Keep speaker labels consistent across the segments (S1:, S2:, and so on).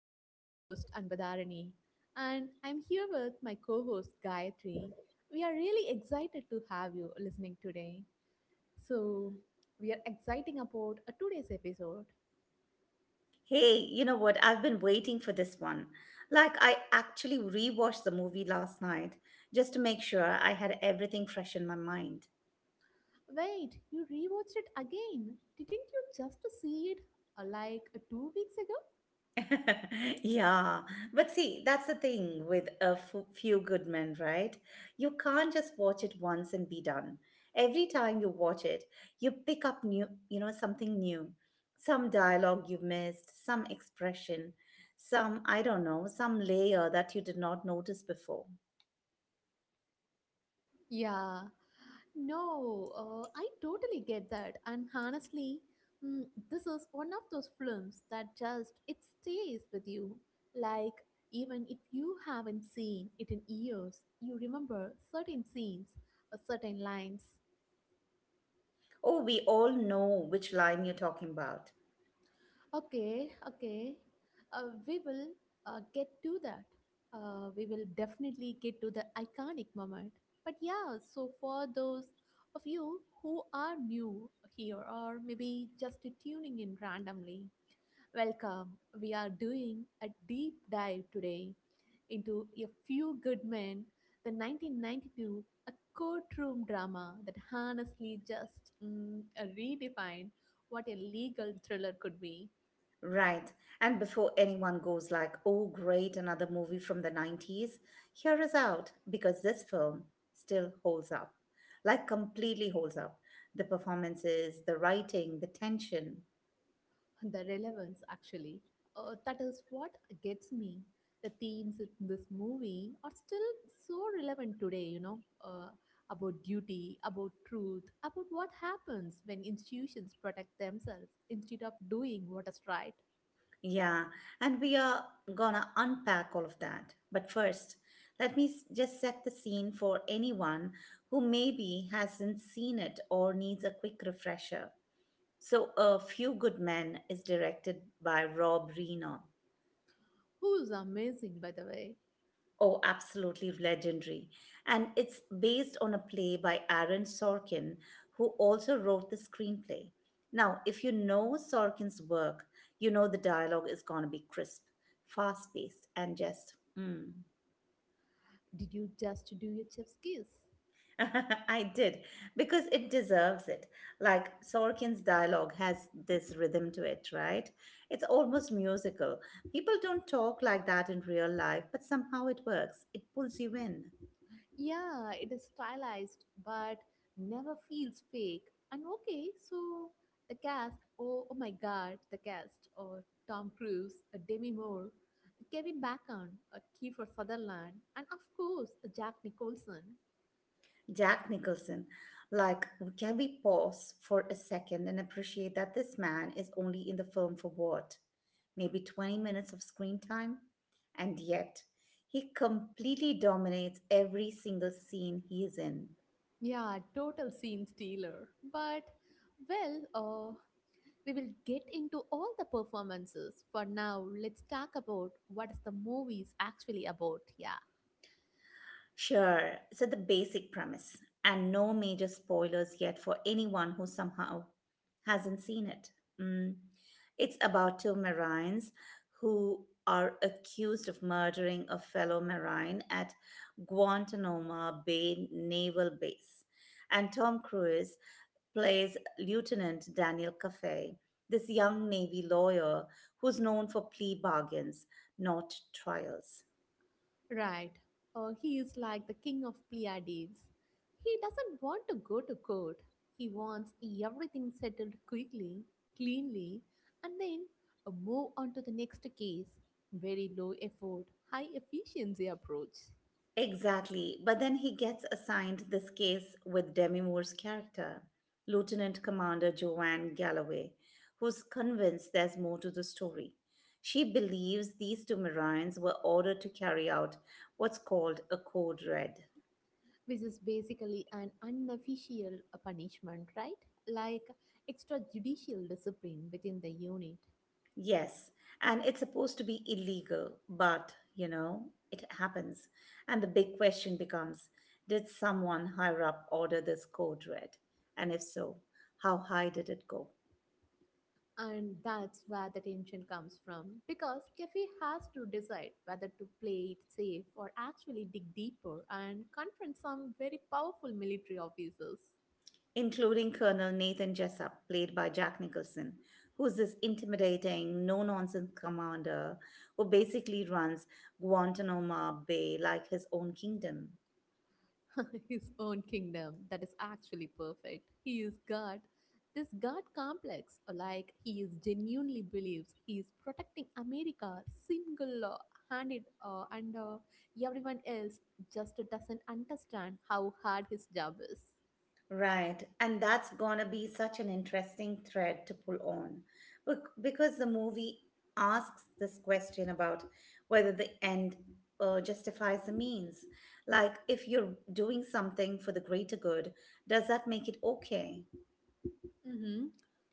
S1: I'm your host, Anbadharani, and I'm here with my co host, Gayatri. We are really excited to have you listening today. So, we are exciting about a today's episode.
S2: Hey, you know what? I've been waiting for this one. Like, I actually rewatched the movie last night just to make sure I had everything fresh in my mind.
S1: Wait, you rewatched it again? Didn't you just see it 2 weeks ago?
S2: Yeah, but see, that's the thing with a few good men, right? You can't just watch it once and be done. Every time you watch it, you pick up new something new. Some dialogue you missed, some expression, some, I don't know, some layer that you did not notice before.
S1: Yeah. No, I totally get that. And honestly, this is one of those films that just it stays with you. Like even if you haven't seen it in years, you remember certain scenes, certain lines.
S2: Oh, we all know which line you're talking about.
S1: Okay, okay. We will get to that. We will definitely get to the iconic moment. But yeah, so for those of you who are new here or maybe just tuning in randomly, welcome. We are doing a deep dive today into A Few Good Men, the 1992, a courtroom drama that honestly just redefined what a legal thriller could be.
S2: Right. And before anyone goes like, oh, great, another movie from the 90s, hear us out because this film still holds up. Like, completely holds up. The performances, the writing, the tension.
S1: The relevance, actually, that is what gets me. The themes in this movie are still so relevant today, you know, uh, about duty, about truth, about what happens when institutions protect themselves instead of doing what is right.
S2: Yeah. And we are gonna unpack all of that. But first, just set the scene for anyone who maybe hasn't seen it or needs a quick refresher. So, A Few Good Men is directed by Rob Reiner.
S1: Who's amazing, by the way.
S2: Oh, absolutely legendary. And it's based on a play by Aaron Sorkin, who also wrote the screenplay. Now, if you know Sorkin's work, you know the dialogue is going to be crisp, fast paced, and just. Mm.
S1: Did you just do your chef's kiss?
S2: I did, because it deserves it. Like Sorkin's dialogue has this rhythm to it, right? It's almost musical. People don't talk like that in real life, but somehow it works. It pulls you in.
S1: Yeah, it is stylized but never feels fake. And okay, so the cast, oh, oh my god, the cast, or Tom Cruise, Demi Moore, Kevin Bacon, Kiefer Sutherland, and of course Jack Nicholson.
S2: Jack Nicholson, like, can we pause for a second and appreciate that this man is only in the film for what? Maybe 20 minutes of screen time? And yet, he completely dominates every single scene he is in.
S1: Yeah, total scene stealer. But well, uh, we will get into all the performances. For now, let's talk about what is the movie's actually about. Yeah.
S2: Sure. So the basic premise, and no major spoilers yet for anyone who somehow hasn't seen it. Mm. It's about two Marines who are accused of murdering a fellow Marine at Guantanamo Bay Naval Base. And Tom Cruise plays Lieutenant Daniel Caffey, this young Navy lawyer who's known for plea bargains, not trials.
S1: Right. He is like the king of Pleiades. He doesn't want to go to court. He wants everything settled quickly, cleanly, and then move on to the next case. Very low effort, high efficiency approach,
S2: Exactly. But then he gets assigned this case with Demi Moore's character, Lieutenant Commander Joanne Galloway, who's convinced there's more to the story. She believes these two Marines were ordered to carry out what's called a code red.
S1: which is basically an unofficial punishment, right? Like extrajudicial discipline within the unit.
S2: Yes, and it's supposed to be illegal, but, you know, it happens. And the big question becomes, did someone higher up order this code red? And if so, how high did it go?
S1: And that's where the tension comes from, because Kefi has to decide whether to play it safe or actually dig deeper and confront some very powerful military officers.
S2: Including Colonel Nathan Jessup, played by Jack Nicholson, who's this intimidating, no nonsense commander who basically runs Guantanamo Bay like his own kingdom.
S1: His own kingdom, that is actually perfect. He is God. This God complex, like he is genuinely believes he is protecting America single handed, and everyone else just doesn't understand how hard his job is.
S2: Right, and that's gonna be such an interesting thread to pull on because the movie asks this question about whether the end justifies the means. Like, if you're doing something for the greater good, does that make it okay?
S1: Hmm.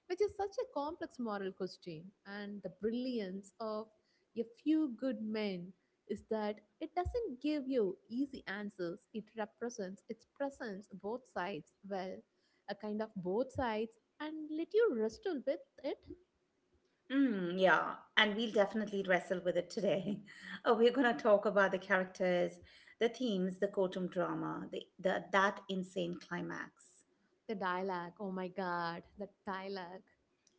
S1: Which is such a complex moral question. And the brilliance of a few good men is that it doesn't give you easy answers, it represents its presence both sides well, a kind of both sides, and let you wrestle with it.
S2: Mm, yeah, and we'll definitely wrestle with it today. We're gonna talk about the characters, the themes, the courtroom drama, the that insane climax.
S1: The dialogue, oh my god, the dialogue.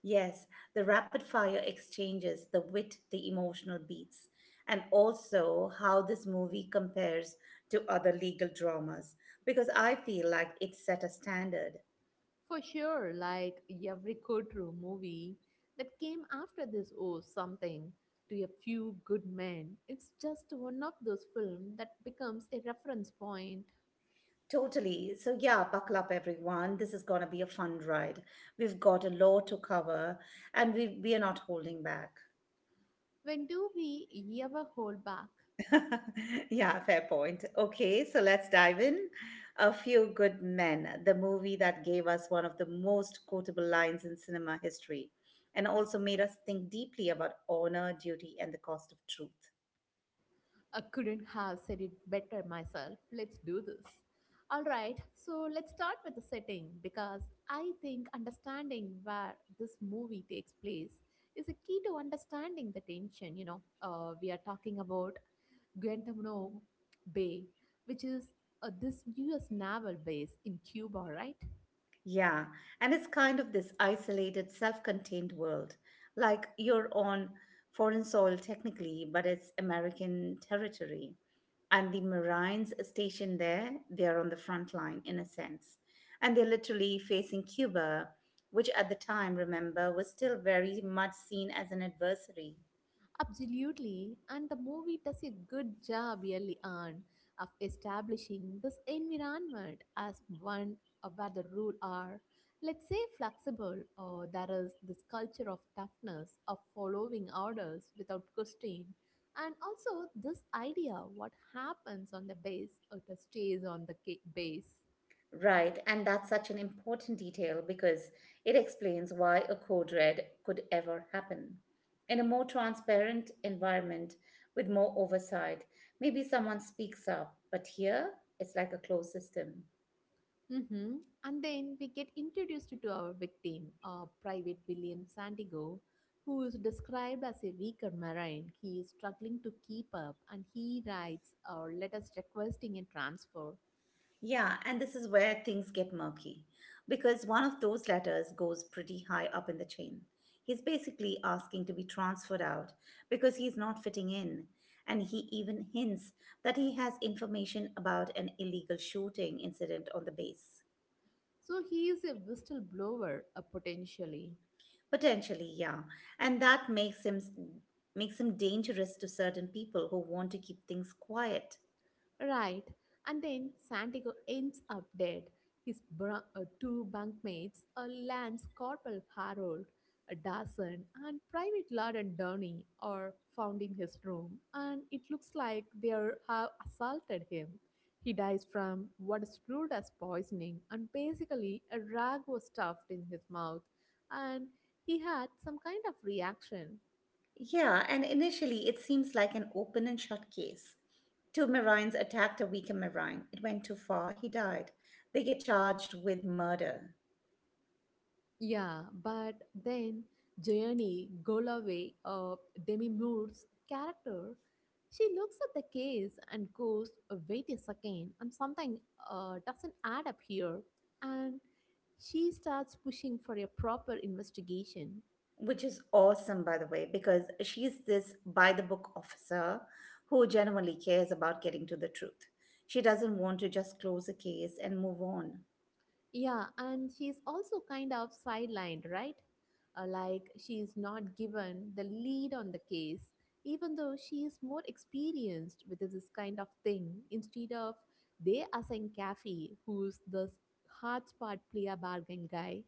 S2: Yes, the rapid fire exchanges, the wit, the emotional beats, and also how this movie compares to other legal dramas. Because I feel like it set a standard.
S1: For sure, like every Kotru movie that came after this owes something to a few good men. It's just one of those films that becomes a reference point.
S2: Totally. So, yeah, buckle up, everyone. This is going to be a fun ride. We've got a lot to cover and we are not holding back.
S1: When do we ever hold back?
S2: Yeah, fair point. Okay, so let's dive in. A Few Good Men, the movie that gave us one of the most quotable lines in cinema history and also made us think deeply about honor, duty, and the cost of truth.
S1: I couldn't have said it better myself. Let's do this. Alright, so let's start with the setting, because I think understanding where this movie takes place is a key to understanding the tension. You know, we are talking about Guantanamo Bay, which is this US naval base in Cuba, right?
S2: Yeah, and it's kind of this isolated, self contained world. Like you're on foreign soil technically, but it's American territory. And the Marines stationed there, they're on the front line in a sense. And they're literally facing Cuba, which at the time, remember, was still very much seen as an adversary.
S1: Absolutely. And the movie does a good job, really, on of establishing this environment as one where the rule are, let's say, flexible, or there is this culture of toughness, of following orders without question. And also, this idea what happens on the base, it stays on the base.
S2: Right, and that's such an important detail because it explains why a code red could ever happen. In a more transparent environment with more oversight, maybe someone speaks up, but here it's like a closed system.
S1: Hmm. And then we get introduced to our victim, Private William Santiago, who is described as a weaker marine. He is struggling to keep up and he writes our letters requesting a transfer.
S2: Yeah, and this is where things get murky because one of those letters goes pretty high up in the chain. He's basically asking to be transferred out because he's not fitting in. And he even hints that he has information about an illegal shooting incident on the base.
S1: So he is a whistleblower, potentially.
S2: Potentially, yeah. And that makes him, makes him dangerous to certain people who want to keep things quiet.
S1: Right. And then Santiago ends up dead. Two bunkmates, a Lance Corporal Harold a Dawson and Private Lawden Downey, are found in his room, and it looks like have assaulted him. He dies from what is crude as poisoning, and basically, a rag was stuffed in his mouth, and he had some kind of reaction.
S2: Yeah, and initially it seems like an open and shut case. Two Marines attacked a weaker Marine. It went too far, he died. They get charged with murder,
S1: Yeah, but then Journey Golaway, Demi Moore's character, she looks at the case and goes, Wait a second, and something doesn't add up here." And she starts pushing for a proper investigation.
S2: which is awesome, by the way, because she's this by the book officer who genuinely cares about getting to the truth. She doesn't want to just close a case and move on.
S1: Yeah, and she's also kind of sidelined, right? Like she's not given the lead on the case, even though she is more experienced with this kind of thing. Instead of they assign Kathy, who's the hard spot player bargain guy,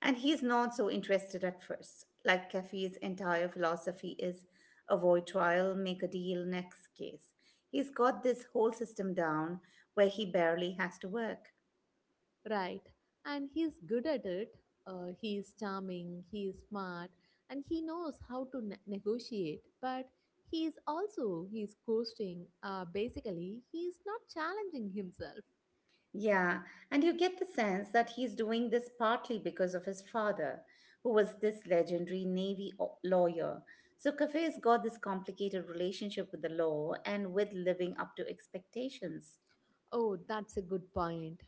S2: And he's not so interested at first. Like Caffey's entire philosophy is avoid trial, make a deal, next case. He's got this whole system down where he barely has to work.
S1: right? And he's good at it. He's charming, he's smart, and he knows how to negotiate. But he's coasting. Basically, he's not challenging himself.
S2: Yeah, and you get the sense that he's doing this partly because of his father, who was this legendary lawyer. So Caffey's got this complicated relationship with the law and with living up to expectations.
S1: Oh, that's a good point.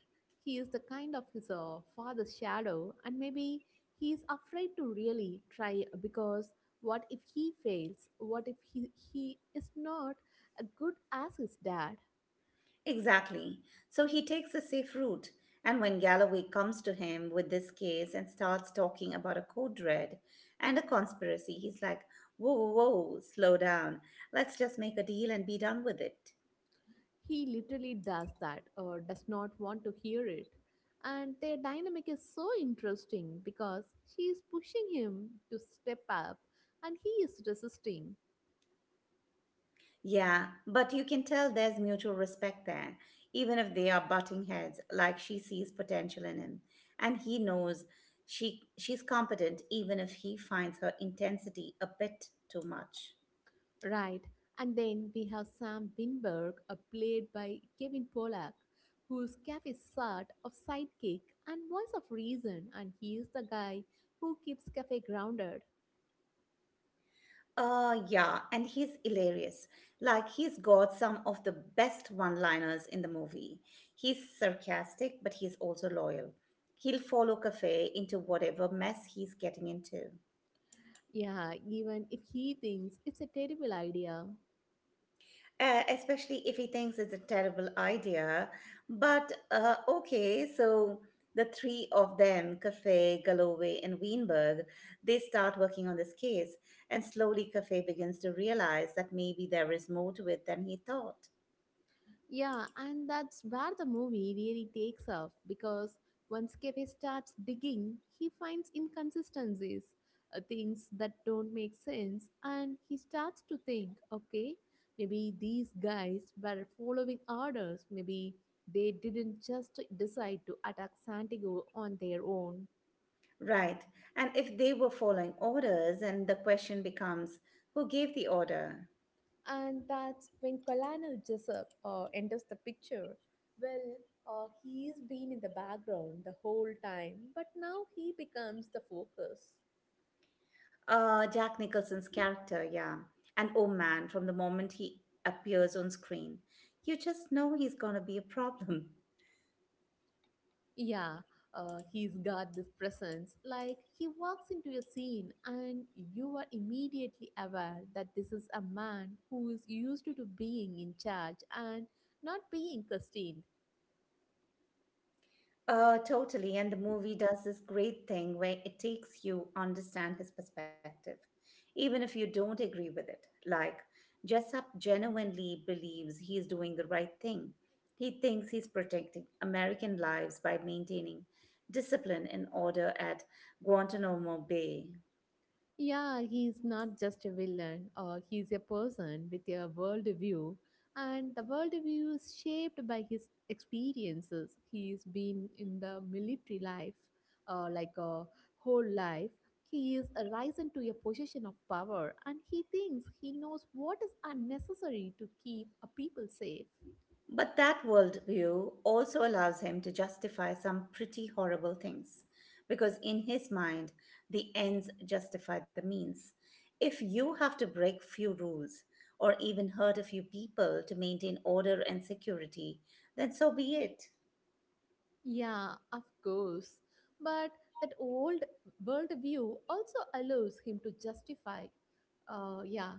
S1: He is the kind of his father's shadow, and maybe he is afraid to really try, because what if he fails? What if he is not as good as his dad?
S2: Exactly. So he takes a safe route. And when Galloway comes to him with this case and starts talking about a code red and a conspiracy, he's like, whoa, whoa, whoa, slow down. Let's just make a deal and be done with it.
S1: He literally does that or does not want to hear it. And their dynamic is so interesting, because she is pushing him to step up and he is resisting.
S2: Yeah, but you can tell there's mutual respect there, even if they are butting heads, like she sees potential in him. And he knows she's competent even if he finds her intensity a bit too much.
S1: Right. And then we have Sam Winberg, played by Kevin Pollak, whose Cafe sort of sidekick and voice of reason, and he is the guy who keeps Cafe grounded.
S2: Yeah, and he's hilarious. Like, he's got some of the best one liners in the movie. He's sarcastic, but he's also loyal. He'll follow Cafe into whatever mess he's getting into,
S1: Yeah, even if he thinks it's a terrible idea.
S2: especially if he thinks it's a terrible idea. But, okay, so the three of them, Cafe, Galloway, and Weinberg, they start working on this case, and slowly Cafe begins to realize that maybe there is more to it than he thought.
S1: Yeah, and that's where the movie really takes off, because once Kevin starts digging, he finds inconsistencies, things that don't make sense, and he starts to think, okay, maybe these guys were following orders, maybe they didn't just decide to attack Santiago on their own.
S2: Right. And if they were following orders, and the question becomes, who gave the order?
S1: And that's when Colonel Jessup enters the picture. Well, he's been in the background the whole time, but now he becomes the focus.
S2: Jack Nicholson's character, yeah. And oh man, from the moment he appears on screen, you just know he's gonna be a problem.
S1: Yeah, he's got this presence. Like he walks into a scene, and you are immediately aware that this is a man who is used to being in charge and not being questioned.
S2: Totally. And the movie does this great thing where it takes you understand his perspective, even if you don't agree with it. Like Jessup genuinely believes he's doing the right thing. He thinks he's protecting American lives by maintaining discipline and order at Guantanamo Bay.
S1: Yeah, he's not just a villain, he's a person with a worldview, and the worldview is shaped by his experiences. He's been in the military life, like a whole life. He is risen to a position of power, and he thinks he knows what is unnecessary to keep a people safe.
S2: But that worldview also allows him to justify some pretty horrible things, because in his mind, the ends justify the means. If you have to break few rules or even hurt a few people to maintain order and security, then so be it.
S1: Yeah, of course. But that old worldview also allows him to justify yeah.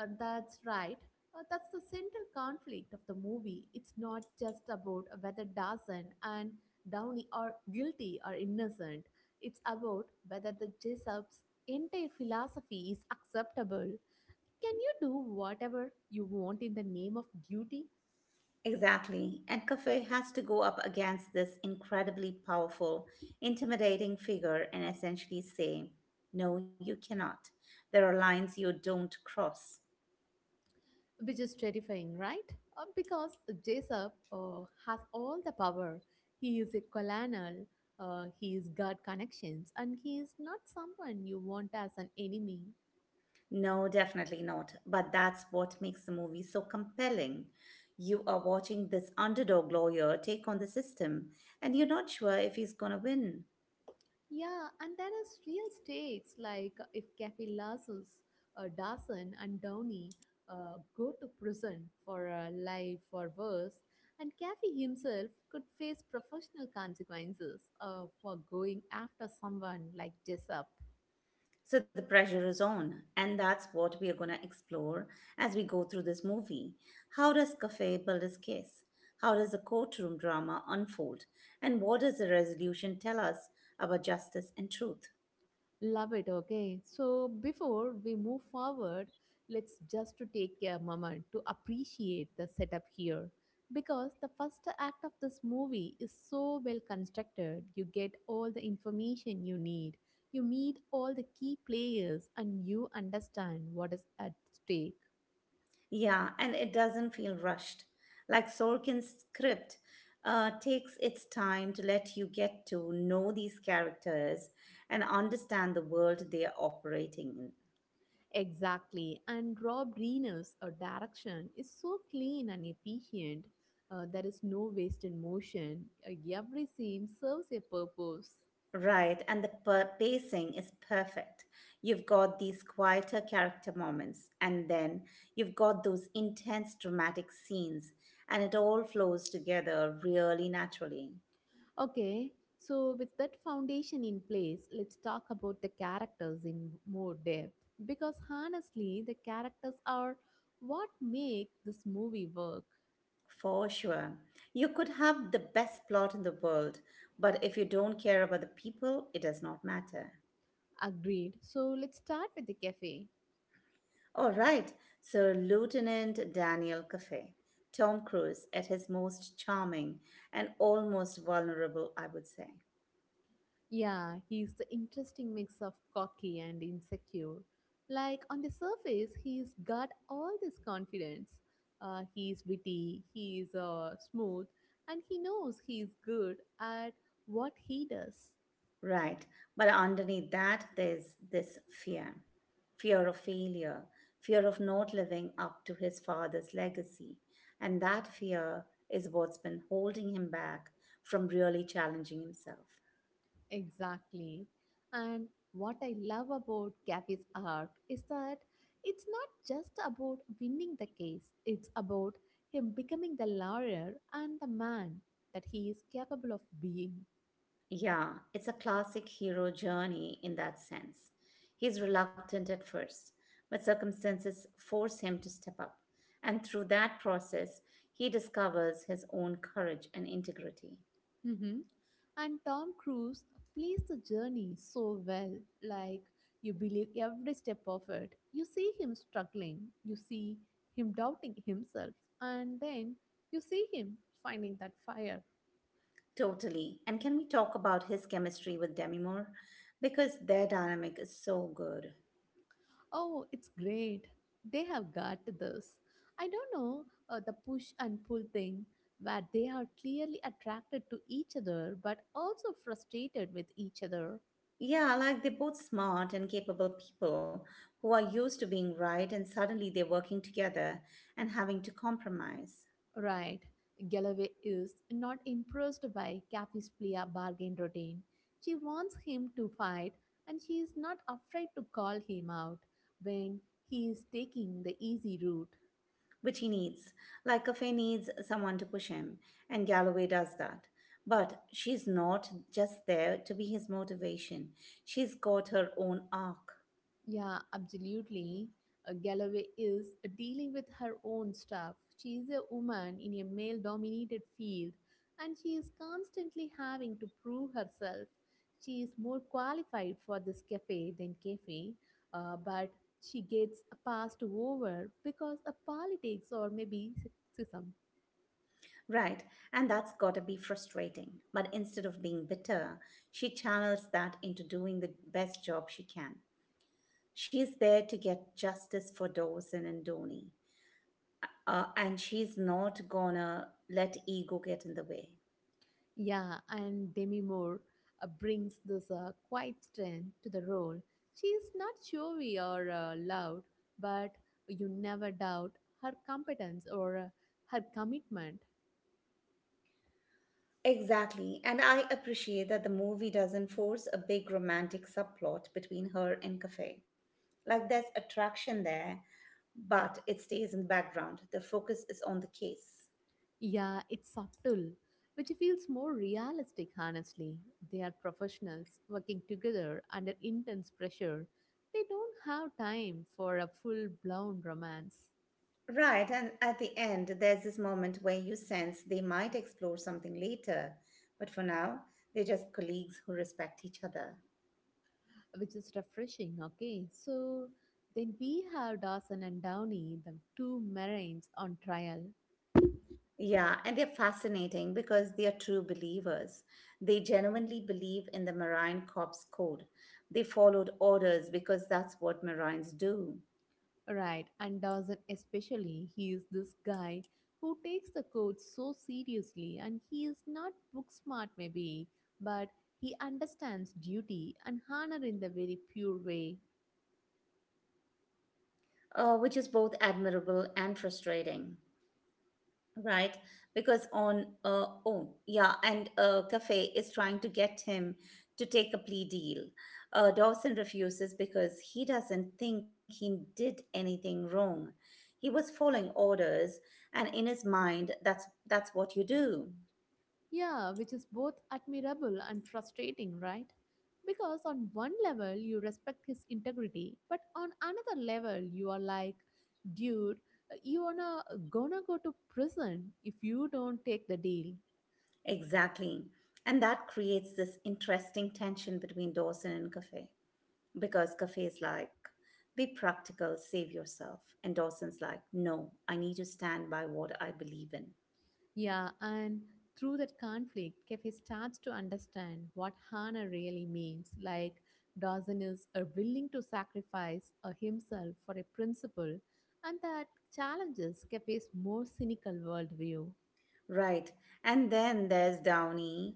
S1: That's right. That's the central conflict of the movie. It's not just about whether Dawson and Downey are guilty or innocent. It's about whether the Jessup's entire philosophy is acceptable. Can you do whatever you want in the name of duty?
S2: Exactly. And Cafe has to go up against this incredibly powerful, intimidating figure and essentially say, no, you cannot. There are lines you don't cross.
S1: Which is terrifying, right? Because Jessup has all the power. He is a colonel, he is got connections, and he is not someone you want as an enemy.
S2: No, definitely not. But that's what makes the movie so compelling. You are watching this underdog lawyer take on the system, and you're not sure if he's going to win.
S1: Yeah, and there is real stakes, like if Kathy Lassus, Dawson, and Downey go to prison for life or worse, and Kathy himself could face professional consequences for going after someone like Jessup.
S2: So the pressure is on, and that's what we are going to explore as we go through this movie. How does Cafe build his case? How does the courtroom drama unfold? And what does the resolution tell us about justice and truth?
S1: Love it. Okay. So before we move forward, let's just to take a moment to appreciate the setup here, because the first act of this movie is so well constructed. You get all the information you need. You meet all the key players and you understand what is at stake.
S2: Yeah, and it doesn't feel rushed. Like Sorkin's script takes its time to let you get to know these characters and understand the world they are operating in.
S1: Exactly. And Rob Reiner's direction is so clean and efficient. There is no wasted motion. Every scene serves a purpose.
S2: Right, and the pacing is perfect. You've got these quieter character moments, and then you've got those intense dramatic scenes, and it all flows together really naturally.
S1: Okay, so with that foundation in place, let's talk about the characters in more depth. Because honestly, the characters are what make this movie work.
S2: For sure. You could have the best plot in the world, but if you don't care about the people, it does not matter.
S1: Agreed. So let's start with the cafe.
S2: All right, so Lieutenant Daniel Caffey, Tom Cruise at his most charming and almost vulnerable, I would say.
S1: Yeah, he's the interesting mix of cocky and insecure. Like on the surface, he's got all this confidence. He's witty, he's smooth, and he knows he's good at what he does.
S2: Right. But underneath that, there's this fear, fear of failure, fear of not living up to his father's legacy. And that fear is what's been holding him back from really challenging himself.
S1: Exactly. And what I love about Gavi's arc is that it's not just about winning the case, it's about him becoming the lawyer and the man that he is capable of being.
S2: Yeah, it's a classic hero journey in that sense. He's reluctant at first, but circumstances force him to step up. And through that process, he discovers his own courage and integrity.
S1: Mhm. And Tom Cruise plays the journey so well. Like, you believe every step of it. You see him struggling, you see him doubting himself, and then you see him finding that fire.
S2: Totally. And can we talk about his chemistry with Demi Moore? Because their dynamic is so good.
S1: Oh, it's great. They have got this. I don't know, the push and pull thing where they are clearly attracted to each other but also frustrated with each other.
S2: Yeah, like they're both smart and capable people who are used to being right, and suddenly they're working together and having to compromise,
S1: Right. Galloway is not impressed by Kathy's Plea bargain routine. She wants him to fight, and she is not afraid to call him out when he is taking the easy route.
S2: which he needs. Like Cafe needs someone to push him, and Galloway does that. But she's not just there to be his motivation, she's got her own arc.
S1: Yeah, absolutely. Galloway is dealing with her own stuff. She is a woman in a male dominated field and she is constantly having to prove herself. She is more qualified for this cafe than cafe, but she gets passed over because of politics or maybe sexism.
S2: Right, and that's gotta be frustrating. But instead of being bitter, she channels that into doing the best job she can. She's there to get justice for Dawson and Dhoni, and she's not gonna let ego get in the way.
S1: Yeah, and Demi Moore brings this quiet strength to the role. She is not showy or loud, but you never doubt her competence or her commitment.
S2: Exactly, and I appreciate that the movie doesn't force a big romantic subplot between her and Cafe. Like there's attraction there, but it stays in the background. The focus is on the case.
S1: Yeah, it's subtle, which feels more realistic, honestly. They are professionals working together under intense pressure. They don't have time for a full blown romance.
S2: Right, and at the end, there's this moment where you sense they might explore something later, but for now, they're just colleagues who respect each other.
S1: Which is refreshing. Okay, so then we have Dawson and Downey, the two Marines on trial,
S2: Yeah, and they're fascinating because they are true believers. They genuinely believe in the Marine Corps code. They followed orders because that's what Marines do,
S1: right? And Dawson, especially, he is this guy who takes the code so seriously, and he is not book smart, maybe, but he understands duty and honor in the very pure way.
S2: which is both admirable and frustrating. Right, because on oh yeah, and Cafe is trying to get him to take a plea deal. Dawson refuses because he doesn't think he did anything wrong. He was following orders, and in his mind, that's what you do
S1: Yeah, which is both admirable and frustrating, right? Because on one level, you respect his integrity, but on another level, you are like, dude, you wanna gonna go to prison if you don't take the deal.
S2: exactly, and that creates this interesting tension between Dawson and Cafe because Cafe is like, "Be practical, save yourself," and Dawson's like, "No, I need to stand by what I believe in."
S1: Yeah, and through that conflict, Kefe starts to understand what Hana really means. Like, Dawson is willing to sacrifice himself for a principle, and that challenges Kefe's more cynical worldview.
S2: Right. And then there's Downey,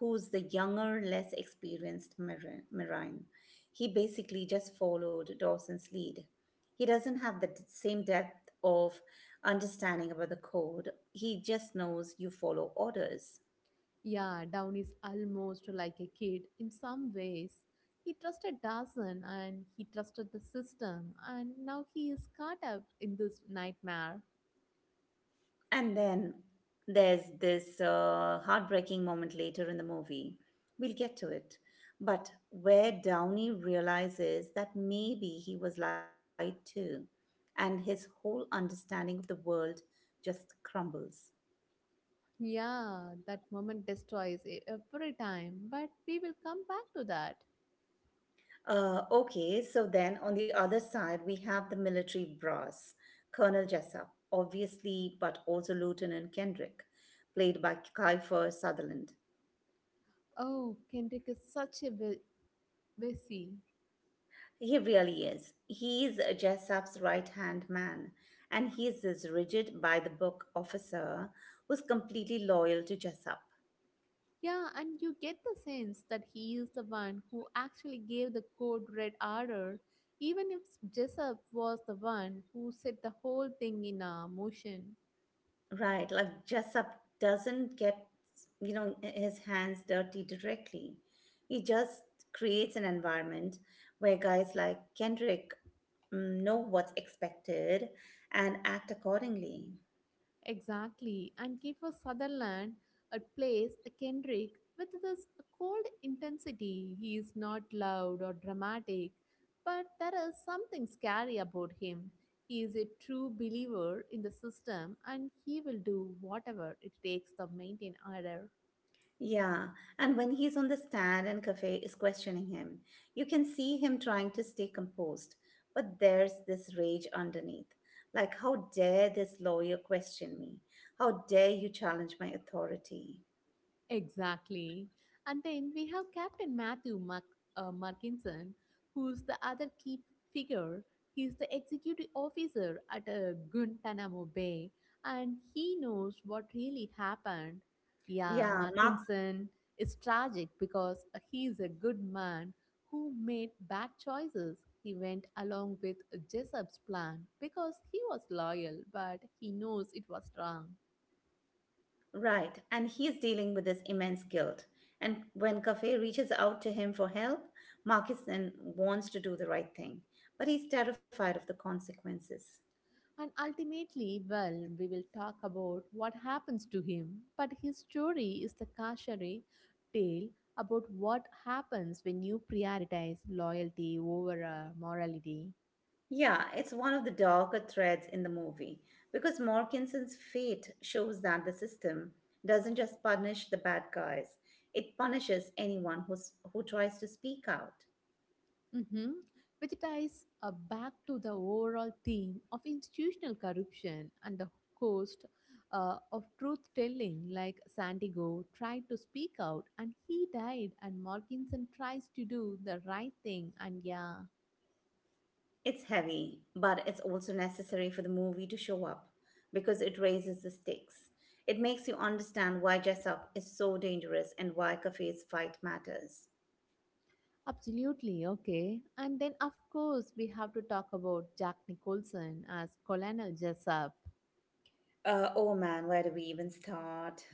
S2: who's the younger, less experienced Marine. He basically just followed Dawson's lead. He doesn't have the same depth of understanding about the code. He just knows you follow orders.
S1: Yeah, Down is almost like a kid in some ways. He trusted Dawson and he trusted the system, and now he is caught up in this nightmare.
S2: And then there's this heartbreaking moment later in the movie. We'll get to it. But where Downey realizes that maybe he was lied to, and his whole understanding of the world just crumbles.
S1: Yeah, that moment destroys every time, but we will come back to that.
S2: Okay, so then on the other side, we have the military brass Colonel Jessup, obviously, but also Lieutenant Kendrick, played by Kiefer Sutherland.
S1: Oh, Kendrick is such a wussy.
S2: He really is. He's Jessup's right hand man, and he's this rigid by the book officer who's completely loyal to Jessup.
S1: Yeah, and you get the sense that he is the one who actually gave the code red order, even if Jessup was the one who set the whole thing in motion.
S2: Right, like Jessup doesn't get, you know, his hands dirty directly. He just creates an environment where guys like Kendrick know what's expected and act accordingly.
S1: Exactly. And Kiefer Sutherland plays a Kendrick with this cold intensity. He is not loud or dramatic, but there is something scary about him. He is a true believer in the system and he will do whatever it takes to maintain order.
S2: Yeah, and when he's on the stand and Cafe is questioning him, you can see him trying to stay composed, but there's this rage underneath. Like, how dare this lawyer question me? How dare you challenge my authority?
S1: Exactly. And then we have Captain Matthew Markinson, who's the other key figure. He's the executive officer at Guantanamo Bay, and he knows what really happened. Yeah,
S2: Yeah, Mark,
S1: Markinson is tragic because he's a good man who made bad choices. He went along with Jessup's plan because he was loyal, but he knows it was wrong.
S2: right. And he's dealing with this immense guilt. And when Cafe reaches out to him for help, Marcus then wants to do the right thing, but he's terrified of the consequences.
S1: And ultimately, well, we will talk about what happens to him, but his story is the cautionary tale about what happens when you prioritize loyalty over morality.
S2: Yeah, it's one of the darker threads in the movie because Morkinson's fate shows that the system doesn't just punish the bad guys, it punishes who tries to speak out.
S1: Mhm. Which ties back to the overall theme of institutional corruption and the cost of truth telling, like Santiago tried to speak out and he died, and Morkinson tries to do the right thing, and yeah.
S2: It's heavy, but it's also necessary for the movie to show up because it raises the stakes. It makes you understand why Jessup is so dangerous and why Café's fight matters.
S1: Absolutely, okay. And then, of course, we have to talk about Jack Nicholson as Colonel Jessup.
S2: Oh man, where do we even start?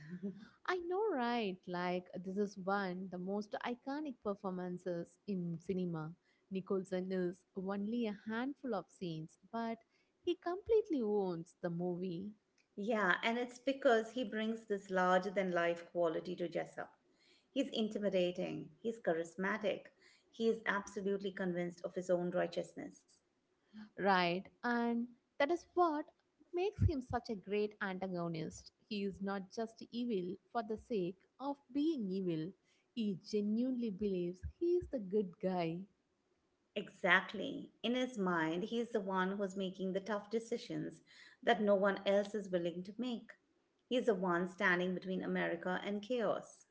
S1: I know, right? Like, this is one the most iconic performances in cinema. Nicholson is only a handful of scenes, but he completely owns the movie.
S2: Yeah, and it's because he brings this larger than life quality to Jessup. He's intimidating, he's charismatic, he is absolutely convinced of his own righteousness.
S1: Right, and that is what makes him such a great antagonist. He is not just evil for the sake of being evil, he genuinely believes he is the good guy.
S2: Exactly. In his mind, he's the one who's making the tough decisions that no one else is willing to make. He's the one standing between America and chaos.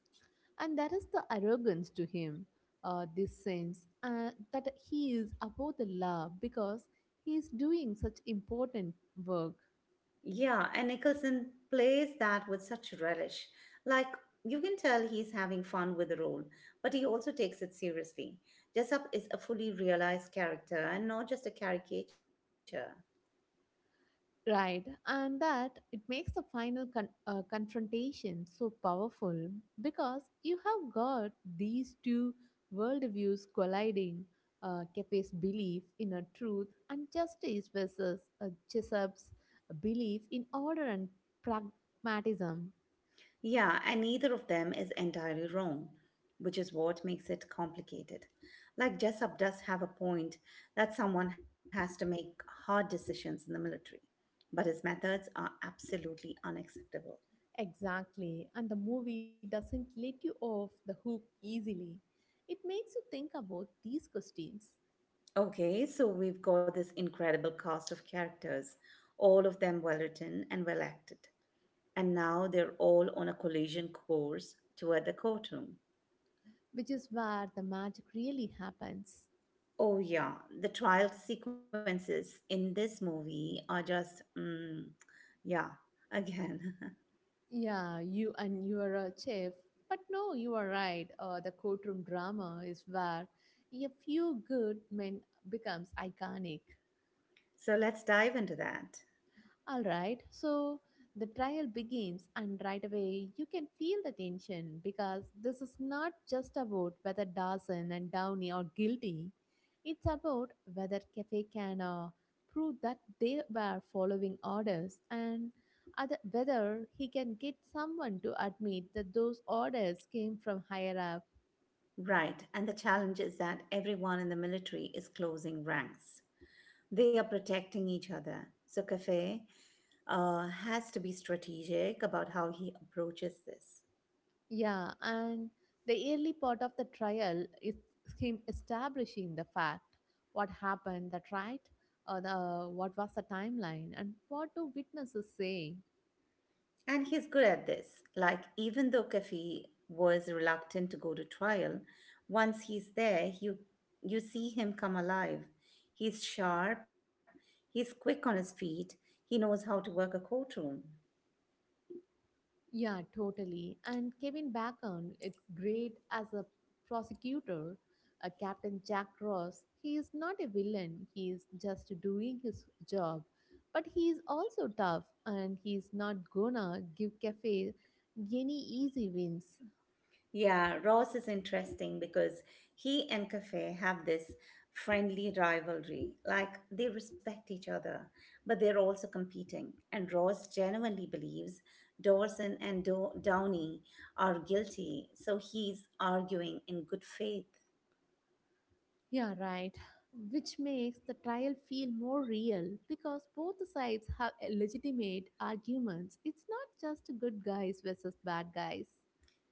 S1: And that is the arrogance to him, this sense that he is above the law because he is doing such important work.
S2: Yeah, and Nicholson plays that with such relish. Like, you can tell he's having fun with the role, but he also takes it seriously. Jessup is a fully realized character and not just a caricature.
S1: Right, and that it makes the final confrontation so powerful because you have got these two worldviews colliding Kefe's belief in a truth and justice versus Chesup's belief in order and pragmatism.
S2: Yeah, and neither of them is entirely wrong, which is what makes it complicated. Like, Jessup does have a point that someone has to make hard decisions in the military, but his methods are absolutely unacceptable.
S1: Exactly, and the movie doesn't let you off the hook easily. It makes you think about these questions,
S2: Okay, so we've got this incredible cast of characters, all of them well written and well acted. And now they're all on a collision course toward the courtroom.
S1: which is where the magic really happens.
S2: Oh, yeah, the trial sequences in this movie are just, yeah, again.
S1: Yeah, you and you are a chef. But no, you are right. The courtroom drama is where a few good men becomes iconic.
S2: So let's dive into that.
S1: All right, so the trial begins, and right away you can feel the tension because this is not just about whether Dawson and Downey are guilty, it's about whether Cafe can prove that they were following orders and other, whether he can get someone to admit that those orders came from higher up.
S2: Right, and the challenge is that everyone in the military is closing ranks. They are protecting each other. So, Cafe, has to be strategic about how he approaches this.
S1: Yeah, and the early part of the trial is him establishing the fact, what happened, that right, or the what was the timeline, and what do witnesses say.
S2: And he's good at this. Like, even though Kafi was reluctant to go to trial, once he's there, you see him come alive. He's sharp, he's quick on his feet, he knows how to work a courtroom.
S1: Yeah, totally. And Kevin Bacon, it great as a prosecutor, Captain Jack Ross. He is not a villain. He is just doing his job, but he is also tough, and he is not gonna give Cafe any easy wins.
S2: Yeah, Ross is interesting because he and Cafe have this friendly rivalry. Like they respect each other, but they're also competing. And Ross genuinely believes Dawson and Downey are guilty, so he's arguing in good faith.
S1: Yeah, right. Which makes the trial feel more real because both the sides have a legitimate arguments. It's not just good guys versus bad guys.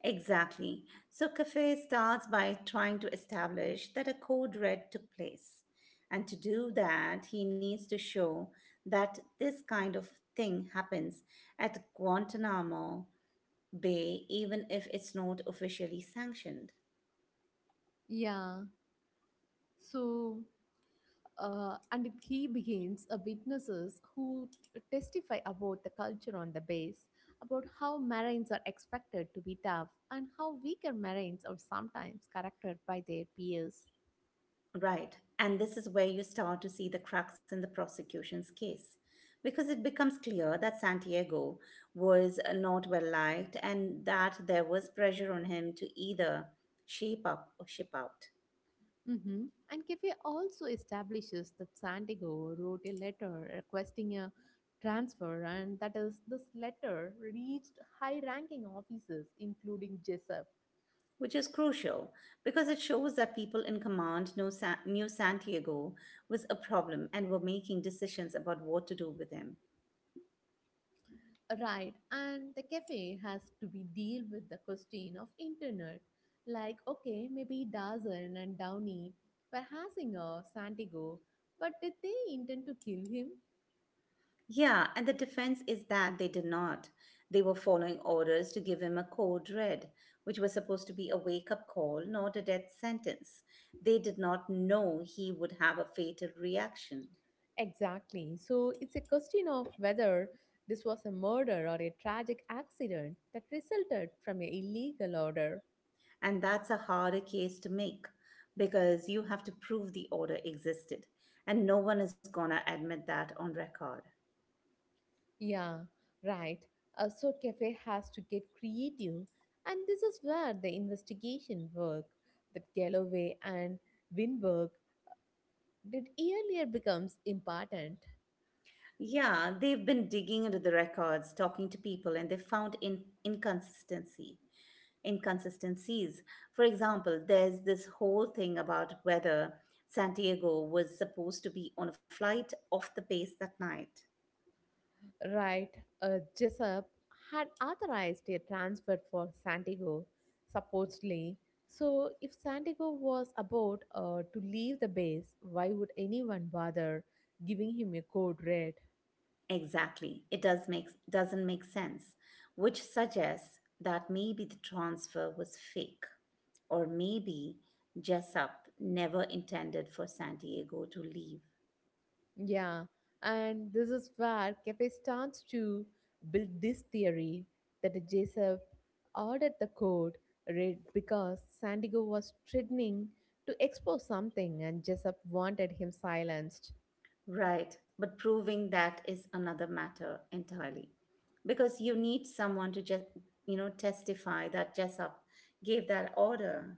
S2: Exactly. So Cafe starts by trying to establish that a code red took place. And to do that, he needs to show that this kind of thing happens at Guantanamo Bay, even if it's not officially sanctioned.
S1: Yeah. So, and it, he begins a witnesses who testify about the culture on the base, about how Marines are expected to be tough, and how weaker Marines are sometimes corrected by their peers.
S2: Right. And this is where you start to see the cracks in the prosecution's case. Because it becomes clear that Santiago was not well liked and that there was pressure on him to either shape up or ship out,
S1: And Cafe also establishes that Santiago wrote a letter requesting a transfer, and that is, this letter reached high ranking officers, including Jessup.
S2: which is crucial because it shows that people in command know knew Santiago was a problem and were making decisions about what to do with him.
S1: Right, and the cafe has to be deal with the question of internet. Like, okay, maybe Dazen and Downey were harassing of Santiago, but did they intend to kill him?
S2: Yeah, and the defense is that they did not. They were following orders to give him a code red, which was supposed to be a wake up call, not a death sentence. They did not know he would have a fatal reaction.
S1: Exactly. So it's a question of whether this was a murder or a tragic accident that resulted from an illegal order.
S2: And that's a harder case to make because you have to prove the order existed. And no one is gonna admit that on record.
S1: Yeah, right. So cafe has to get creative, and this is where the investigation work that Galloway and Winberg did earlier becomes important.
S2: Yeah, they've been digging into the records, talking to people, and they found in- inconsistency. Inconsistencies. For example, there's this whole thing about whether Santiago was supposed to be on a flight off the base that night.
S1: Right, Jessup had authorized a transfer for Santiago, supposedly. So, if Santiago was about to leave the base, why would anyone bother giving him a code red?
S2: Exactly. It does doesn't make sense, which suggests that maybe the transfer was fake, or maybe Jessup never intended for Santiago to leave.
S1: Yeah, and this is where Cafe starts to build this theory that Jessup ordered the code red because Santiago was threatening to expose something and Jessup wanted him silenced.
S2: Right, but proving that is another matter entirely. Because you need someone to just, you know, testify that Jessup gave that order.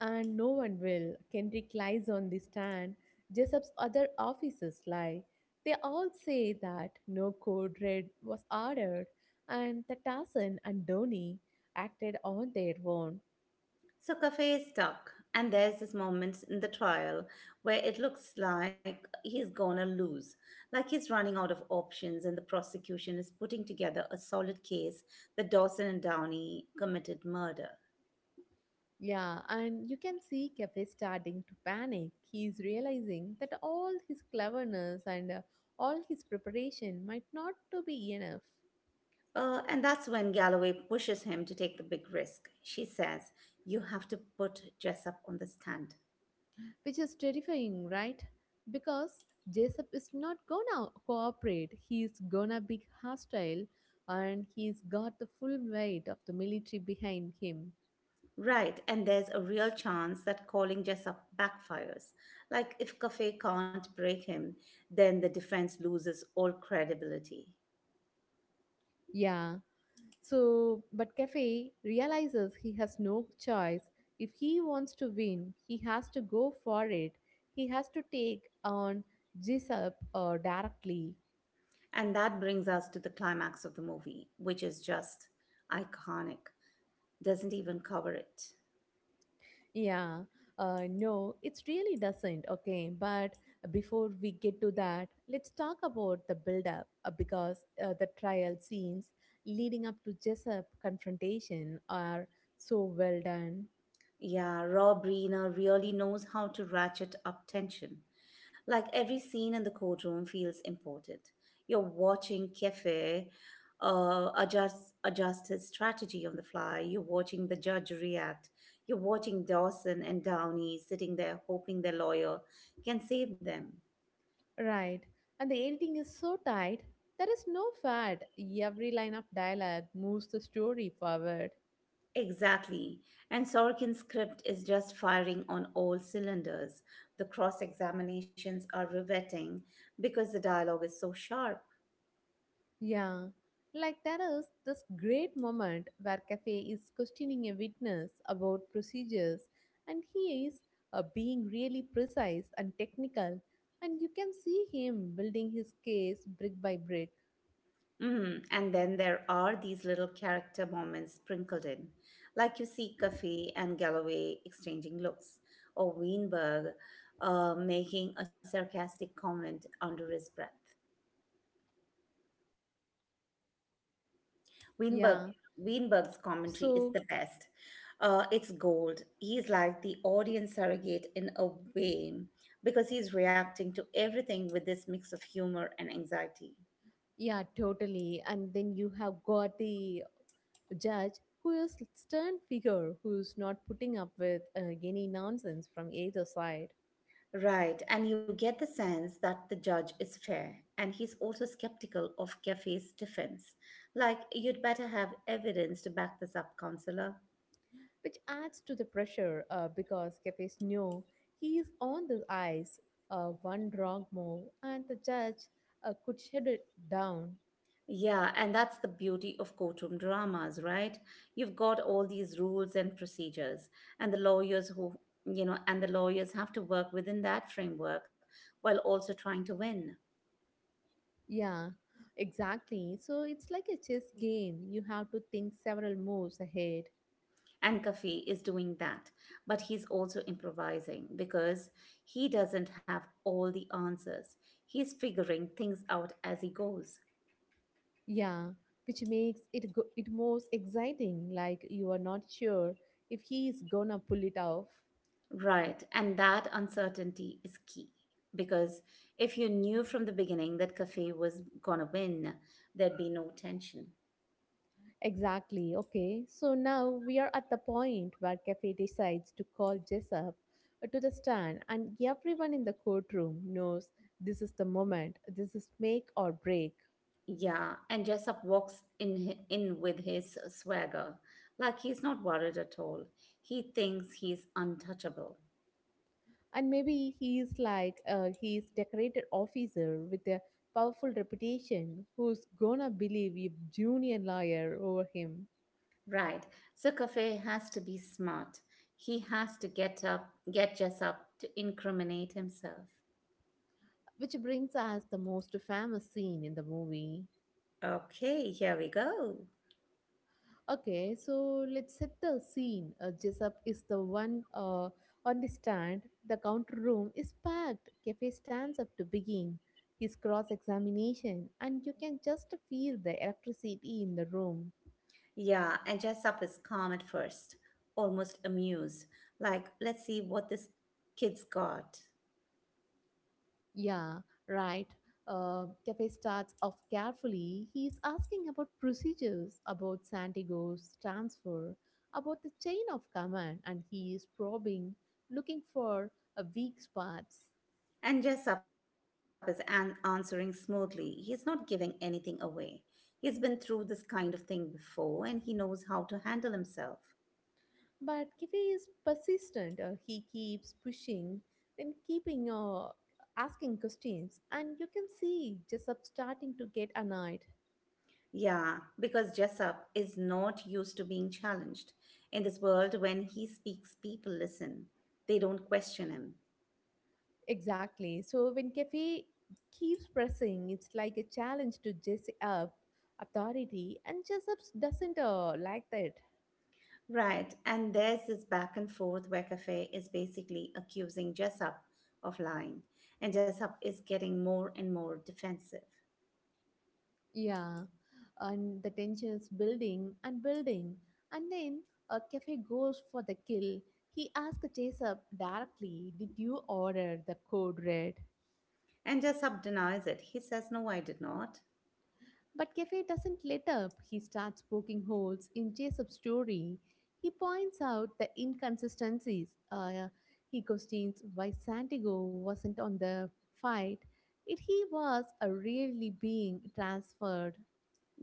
S1: And no one will. Kendrick lies on the stand. Jessup's other officers lie. They all say that no code red was ordered, and that Tarzan and Donnie acted on their own.
S2: So Cafe is stuck, and there's this moment in the trial where it looks like he's gonna lose, like he's running out of options, and the prosecution is putting together a solid case that Dawson and Downey committed murder.
S1: Yeah, and you can see Cafe starting to panic. He's realizing that all his cleverness and all his preparation might not to be enough.
S2: And that's when Galloway pushes him to take the big risk. She says, you have to put Jessup on the stand.
S1: Which is terrifying, right? Because Jessup is not gonna cooperate. He's gonna be hostile, and he's got the full weight of the military behind him.
S2: Right, and there's a real chance that calling Jessup backfires. Like if Cafe can't break him, then the defense loses all credibility.
S1: Yeah. So, but Cafe realizes he has no choice. If he wants to win, he has to go for it. He has to take on Jessup directly.
S2: And that brings us to the climax of the movie, which is just iconic. Doesn't even cover it.
S1: Yeah, no, it really doesn't. Okay, but before we get to that, let's talk about the build up because the trial scenes leading up to Jessup's confrontation are so well done,
S2: Yeah, Rob Reiner really knows how to ratchet up tension. Like every scene in the courtroom feels important. You're watching Kefe adjust his strategy on the fly. You're watching the judge react. You're watching Dawson and Downey sitting there hoping their lawyer can save them.
S1: right? And the editing is so tight, there is no fat. Every line of dialogue moves the story forward.
S2: Exactly. And Sorkin's script is just firing on all cylinders. The cross examinations are riveting because the dialogue is so sharp.
S1: Yeah, like there is this great moment where Cafe is questioning a witness about procedures, and he is being really precise and technical, and you can see him building his case brick by brick.
S2: Hmm, and then there are these little character moments sprinkled in, like you see Coffey and Galloway exchanging looks, or Weinberg making a sarcastic comment under his breath.
S1: Yeah,
S2: Weinberg,
S1: so
S2: Weinberg's commentary is the best. It's gold. He's like the audience surrogate in a way because he's reacting to everything with this mix of humor and anxiety.
S1: yeah, totally. And then you have got the judge who is stern figure who's not putting up with any nonsense from either side.
S2: Right, and you get the sense that the judge is fair, and he's also skeptical of Kefe's defense. Like, you'd better have evidence to back this up, counselor.
S1: Which adds to the pressure because cafes know he is on the ice. One wrong move, and the judge could shut it down.
S2: Yeah, and that's the beauty of courtroom dramas, right? You've got all these rules and procedures, and you know, and the lawyers have to work within that framework while also trying to win.
S1: Yeah, exactly. So it's like a chess game. You have to think several moves ahead.
S2: And Kafi is doing that, but he's also improvising because he doesn't have all the answers. He's figuring things out as he goes.
S1: Yeah, which makes it it most exciting. Like you are not sure if he is gonna pull it off.
S2: Right, and that uncertainty is key because if you knew from the beginning that Kafi was gonna win, there'd be no tension.
S1: Exactly. Okay. So now we are at the point where Cafe decides to call Jessup to the stand, and everyone in the courtroom knows this is the moment. This is make or break.
S2: Yeah, and Jessup walks in with his swagger, like he's not worried at all. He thinks he's untouchable.
S1: And maybe he is like he is decorated officer with a powerful reputation who's gonna believe you junior lawyer over him.
S2: Right. So Cafe has to be smart. He has to get Jess up to incriminate himself.
S1: Which brings us the most famous scene in the movie.
S2: Okay, here we go.
S1: Okay, so let's set the scene. Jessup is the one on the stand. The counter room is packed. Cafe stands up to begin his cross examination, and you can just feel the electricity in the room.
S2: Yeah, and Jessup is calm at first, almost amused, like, let's see what this kid's got.
S1: Yeah, right. Cafe starts off carefully. He is asking about procedures, about Santiago's transfer, about the chain of command, and he is probing, looking for a weak spots.
S2: And Jessup is answering smoothly. He's not giving anything away. He's been through this kind of thing before and he knows how to handle himself.
S1: But Kitty is persistent. He keeps pushing, then keeping asking questions, and you can see Jessup starting to get annoyed.
S2: Yeah, because Jessup is not used to being challenged. In this world, when he speaks, people listen, they don't question him.
S1: Exactly. So when Kefi keeps pressing, it's like a challenge to Jessup authority, and Jessup doesn't like that.
S2: Right, and there's this back and forth where Cafe is basically accusing Jessup of lying, and Jessup is getting more and more defensive.
S1: Yeah, and the tension is building and building, and then Kefi goes for the kill. He asked Jessup directly, "Did you order the code red?"
S2: And Jessup denies it. He says, no, I did not.
S1: But Cafe doesn't let up. He starts poking holes in Jacob's story. He points out the inconsistencies. He questions why Santiago wasn't on the fight if he was really being transferred.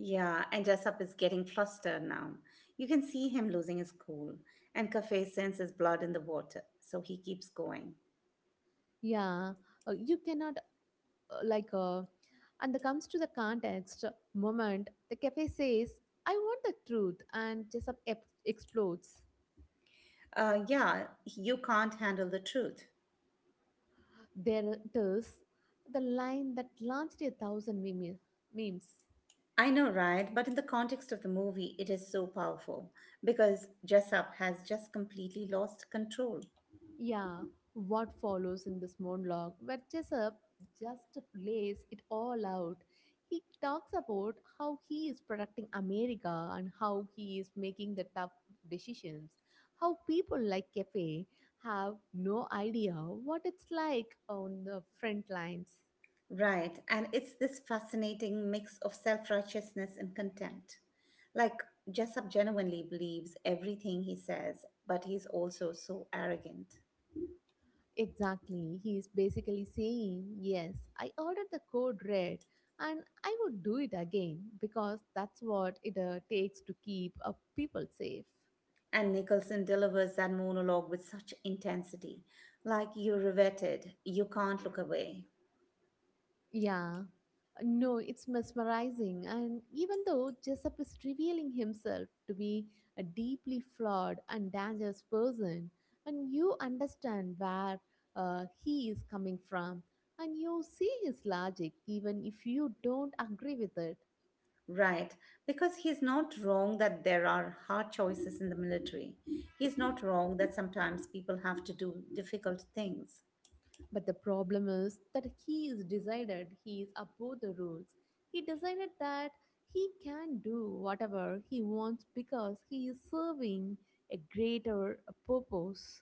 S2: Yeah, and Jessup is getting flustered now. You can see him losing his cool, and Cafe senses blood in the water, so he keeps going.
S1: Yeah, you cannot like. And that comes to the context moment. The cafe says, "I want the truth," and Jessup explodes.
S2: Yeah, you can't handle the truth.
S1: There it is, the line that launched a thousand memes.
S2: I know, right? But in the context of the movie, it is so powerful because Jessup has just completely lost control.
S1: Yeah, what follows in this monologue where Jessup just lays it all out. He talks about how he is protecting America and how he is making the tough decisions. How people like Kefe have no idea what it's like on the front lines.
S2: Right, and it's this fascinating mix of self righteousness and contempt. Like, Jessup genuinely believes everything he says, but he's also so arrogant.
S1: Exactly. He is basically saying, "Yes, I ordered the code red and I would do it again because that's what it takes to keep people safe."
S2: And Nicholson delivers that monologue with such intensity. Like, you're riveted, you can't look away.
S1: Yeah, no, it's mesmerizing. And even though Jessup is revealing himself to be a deeply flawed and dangerous person, and you understand where he is coming from, and you see his logic, even if you don't agree with it.
S2: Right, because he's not wrong that there are hard choices in the military. He's not wrong that sometimes people have to do difficult things.
S1: But the problem is that he is decided he is above the rules. He decided that he can do whatever he wants because he is serving a greater purpose.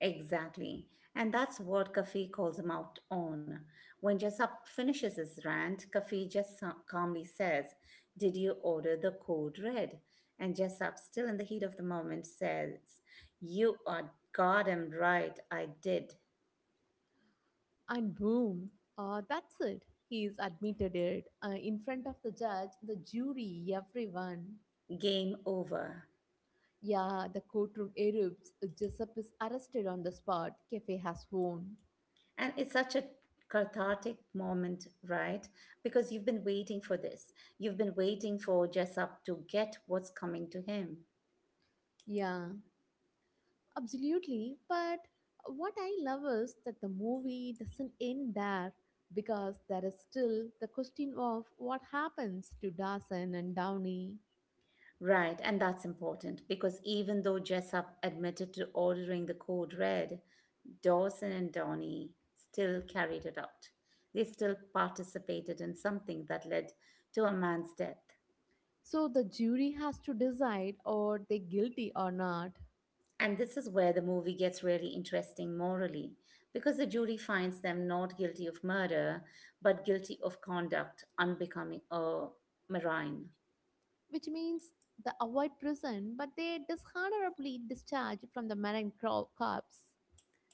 S2: Exactly. And that's what Kafi calls him out on. When Jessup finishes his rant, Kafi just calmly says, did you order the code red? And Jessup, still in the heat of the moment, says, you are goddamn right, I did.
S1: And boom, that's it. He is admitted it in front of the judge, the jury, everyone.
S2: Game over.
S1: Yeah, the courtroom erupts. Jessup is arrested on the spot. Cafe has won.
S2: And it's such a cathartic moment, right? Because you've been waiting for this. You've been waiting for Jessup to get what's coming to him.
S1: Yeah. Absolutely. But what I love is that the movie doesn't end there, because there is still the question of what happens to Dawson and Downey.
S2: Right, and that's important because even though Jessup admitted to ordering the code red, Dawson and Donnie still carried it out. They still participated in something that led to a man's death.
S1: So the jury has to decide, are they guilty or not,
S2: And this is where the movie gets really interesting morally, because the jury finds them not guilty of murder, but guilty of conduct unbecoming a marine.
S1: which means they avoid prison but they dishonorably discharged from the Marine Corps.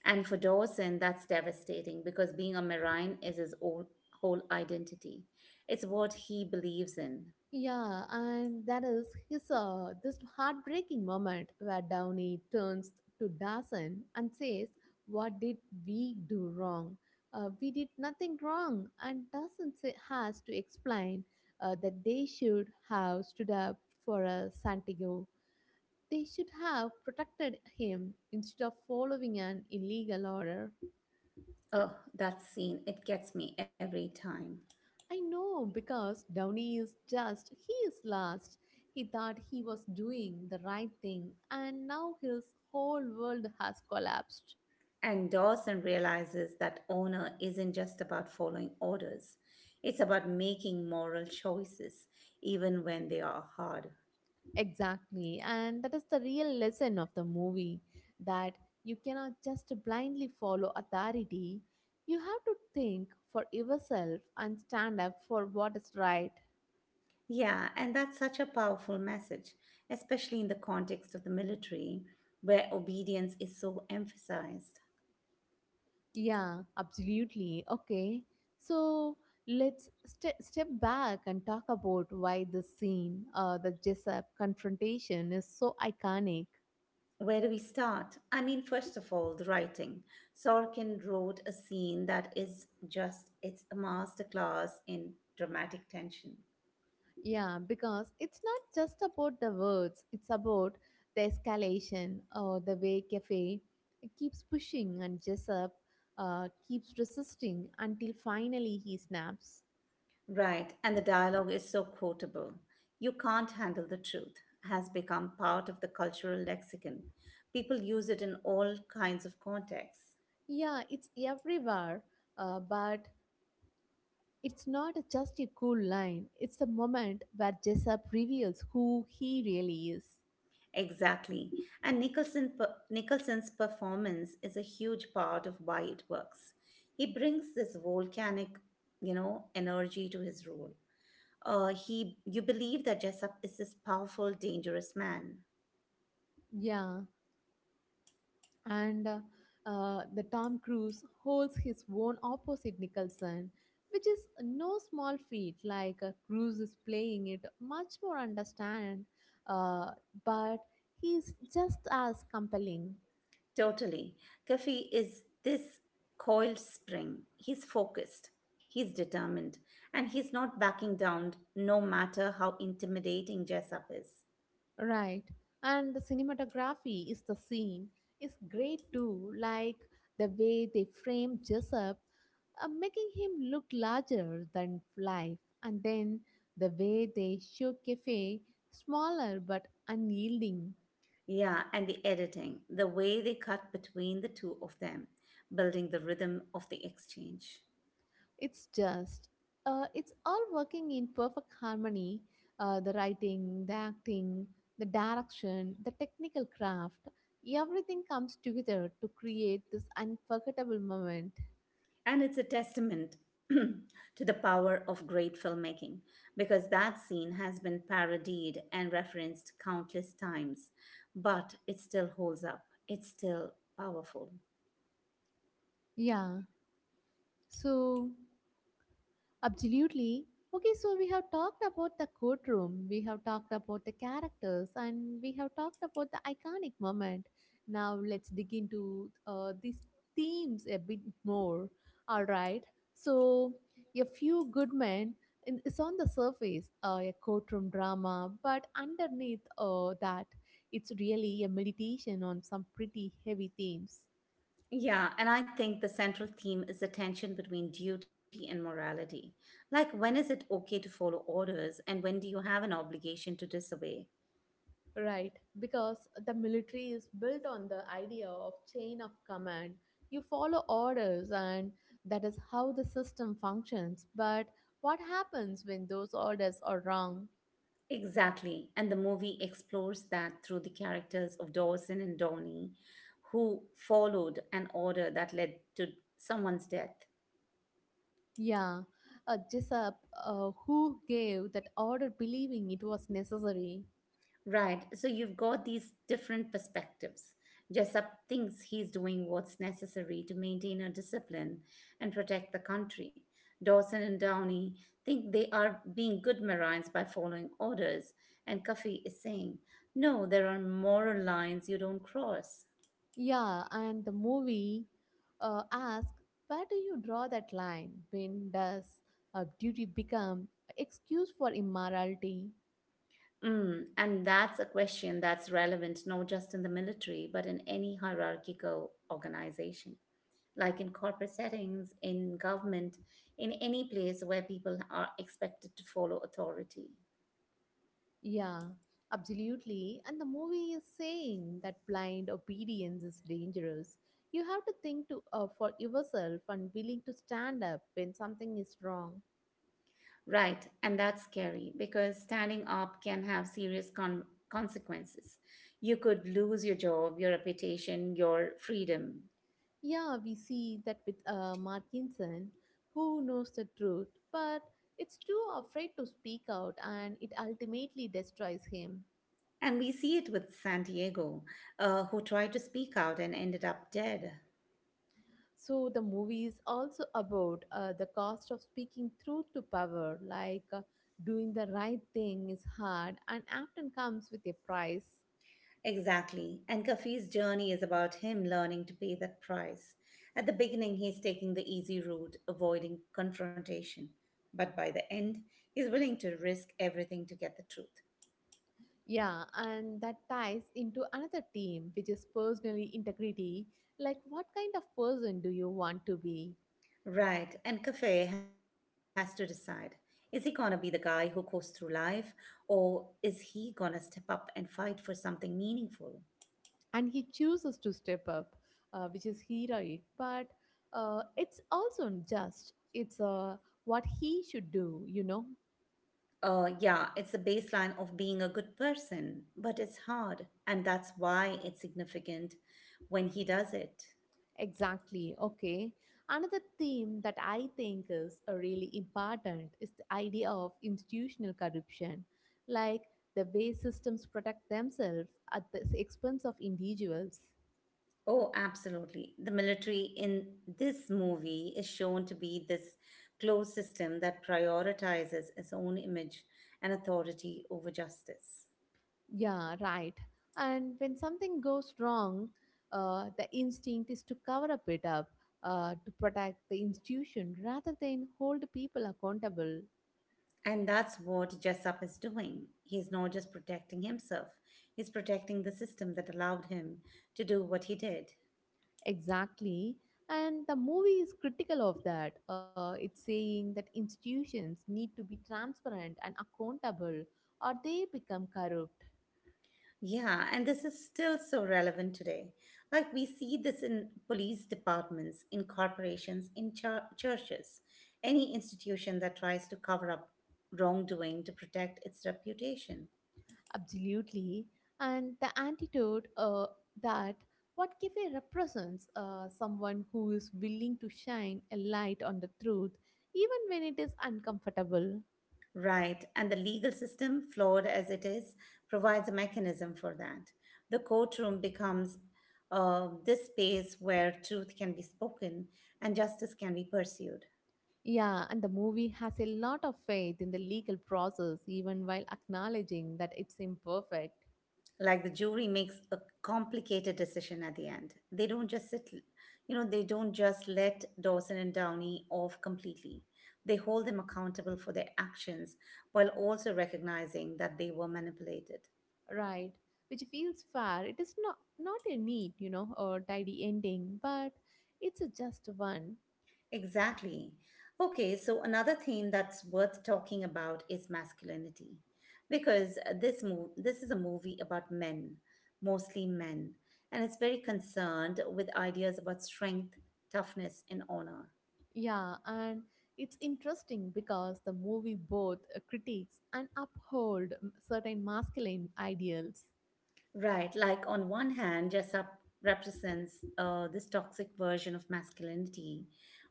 S2: And for Dawson, that's devastating because being a marine is his whole identity. It's what he believes in.
S1: Yeah, and that is his this heartbreaking moment where Downey turns to Dawson and says, "What did we do wrong? We did nothing wrong." And Dawson say, has to explain that they should have stood up for Santiago. They should have protected him instead of following an illegal order.
S2: Oh, that scene, it gets me every time.
S1: I know, because Downey is just, he is lost. He thought he was doing the right thing, and now his whole world has collapsed.
S2: And Dawson realizes that honor isn't just about following orders, it's about making moral choices, even when they are hard.
S1: Exactly, and that is the real lesson of the movie, that you cannot just blindly follow authority. You have to think for yourself and stand up for what is right.
S2: Yeah, and that's such a powerful message, especially in the context of the military, where obedience is so emphasized.
S1: Yeah, absolutely. Okay. So let's step back and talk about why this scene, the Jessup confrontation, is so iconic.
S2: Where do we start? I mean, first of all, the writing. Sorkin wrote a scene that is just, it's a masterclass in dramatic tension.
S1: Yeah, because it's not just about the words, it's about the escalation or the way Cafe keeps pushing and Jessup keeps resisting until finally he snaps.
S2: Right, and the dialogue is so quotable. "You can't handle the truth" has become part of the cultural lexicon. People use it in all kinds of contexts.
S1: Yeah, it's everywhere, but it's not just a cool line, it's the moment where Jessup reveals who he really is.
S2: Exactly. And Nicholson's performance is a huge part of why it works. He brings this volcanic, you know, energy to his role. You believe that Jessup is this powerful, dangerous man.
S1: Yeah, and the Tom Cruise holds his own opposite Nicholson, which is no small feat. Like Cruise is playing it much more understand, uh, but he's just as compelling,
S2: Totally. Kafi is this coiled spring. He's focused, he's determined, and he's not backing down no matter how intimidating Jessup is.
S1: right? And the cinematography is the scene is great too, like the way they frame Jessup making him look larger than life. And then the way they show Cafe, smaller but unyielding.
S2: Yeah, and the editing, the way they cut between the two of them, building the rhythm of the exchange.
S1: It's just, it's all working in perfect harmony. The writing, the acting, the direction, the technical craft, everything comes together to create this unforgettable moment.
S2: And it's a testament to the power of great filmmaking because that scene has been parodied and referenced countless times, but it still holds up. It's still powerful.
S1: Yeah. So. Absolutely. Okay, so we have talked about the courtroom, we have talked about the characters, and we have talked about the iconic moment. Now let's dig into these themes a bit more. All right. So, a few good men is on the surface a courtroom drama, but underneath that, it's really a meditation on some pretty heavy themes.
S2: Yeah, and I think the central theme is the tension between duty and morality. Like, when is it okay to follow orders, and when do you have an obligation to disobey?
S1: Right, because the military is built on the idea of chain of command. You follow orders, and that is how the system functions. But what happens when those orders are wrong?
S2: Exactly. And the movie explores that through the characters of Dawson and Donnie, who followed an order that led to someone's death.
S1: Yeah, Jessup, who gave that order believing it was necessary?
S2: Right. So you've got these different perspectives. Jessup thinks he's doing what's necessary to maintain a discipline and protect the country. Dawson and Downey think they are being good Marines by following orders, and Cuffy is saying, no, there are moral lines you don't cross.
S1: Yeah, and the movie asks, where do you draw that line? When does duty become excuse for immorality?
S2: Mm, and that's a question that's relevant not just in the military, but in any hierarchical organization, like in corporate settings, in government, in any place where people are expected to follow authority.
S1: Yeah, absolutely. And the movie is saying that blind obedience is dangerous. You have to think to, for yourself and willing to stand up when something is wrong.
S2: Right, and that's scary because standing up can have serious consequences. You could lose your job, your reputation, your freedom.
S1: Yeah, we see that with Markinson, who knows the truth, but it's too afraid to speak out and it ultimately destroys him.
S2: And we see it with Santiago, who tried to speak out and ended up dead.
S1: So the movie is also about the cost of speaking truth to power, like doing the right thing is hard and often comes with a price.
S2: Exactly. And Kafi's journey is about him learning to pay that price. At the beginning, he's taking the easy route, avoiding confrontation. But by the end, he's willing to risk everything to get the truth.
S1: Yeah, and that ties into another theme, which is personally integrity. Like, what kind of person do you want to be?
S2: Right. And Kafe has to decide is he going to be the guy who goes through life, or is he going to step up and fight for something meaningful?
S1: And he chooses to step up, which is heroic, but it's also just. It's what he should do, you know.
S2: Yeah, it's the baseline of being a good person, but it's hard. And that's why it's significant when he does it.
S1: Exactly. Okay. Another theme that I think is really important is the idea of institutional corruption, like the way systems protect themselves at the expense of individuals.
S2: Oh, absolutely. The military in this movie is shown to be this closed system that prioritizes its own image and authority over justice.
S1: Yeah, right. And when something goes wrong, the instinct is to cover up it up, to protect the institution rather than hold people accountable.
S2: And that's what Jessup is doing. He's not just protecting himself, he's protecting the system that allowed him to do what he did.
S1: Exactly. And the movie is critical of that. It's saying that institutions need to be transparent and accountable or they become corrupt.
S2: Yeah, and this is still so relevant today. Like we see this in police departments, in corporations, in churches, any institution that tries to cover up wrongdoing to protect its reputation.
S1: Absolutely. And the antidote that what cafe represents, someone who is willing to shine a light on the truth, even when it is uncomfortable.
S2: Right, and the legal system, flawed as it is, provides a mechanism for that. The courtroom becomes this space where truth can be spoken and justice can be pursued.
S1: Yeah, and the movie has a lot of faith in the legal process, even while acknowledging that it's imperfect.
S2: Like the jury makes a complicated decision at the end. They don't just sit, you know, they don't just let Dawson and Downey off completely. They hold them accountable for their actions while also recognizing that they were manipulated.
S1: Right, which feels fair. It is not a neat, you know, or tidy ending, but it's a just one.
S2: Exactly. Okay, so another theme that's worth talking about is masculinity. Because this is a movie about men, mostly men, and it's very concerned with ideas about strength, toughness, and honor.
S1: Yeah, and it's interesting because the movie both critiques and uphold certain masculine ideals.
S2: Right. Like on one hand, Jessup represents this toxic version of masculinity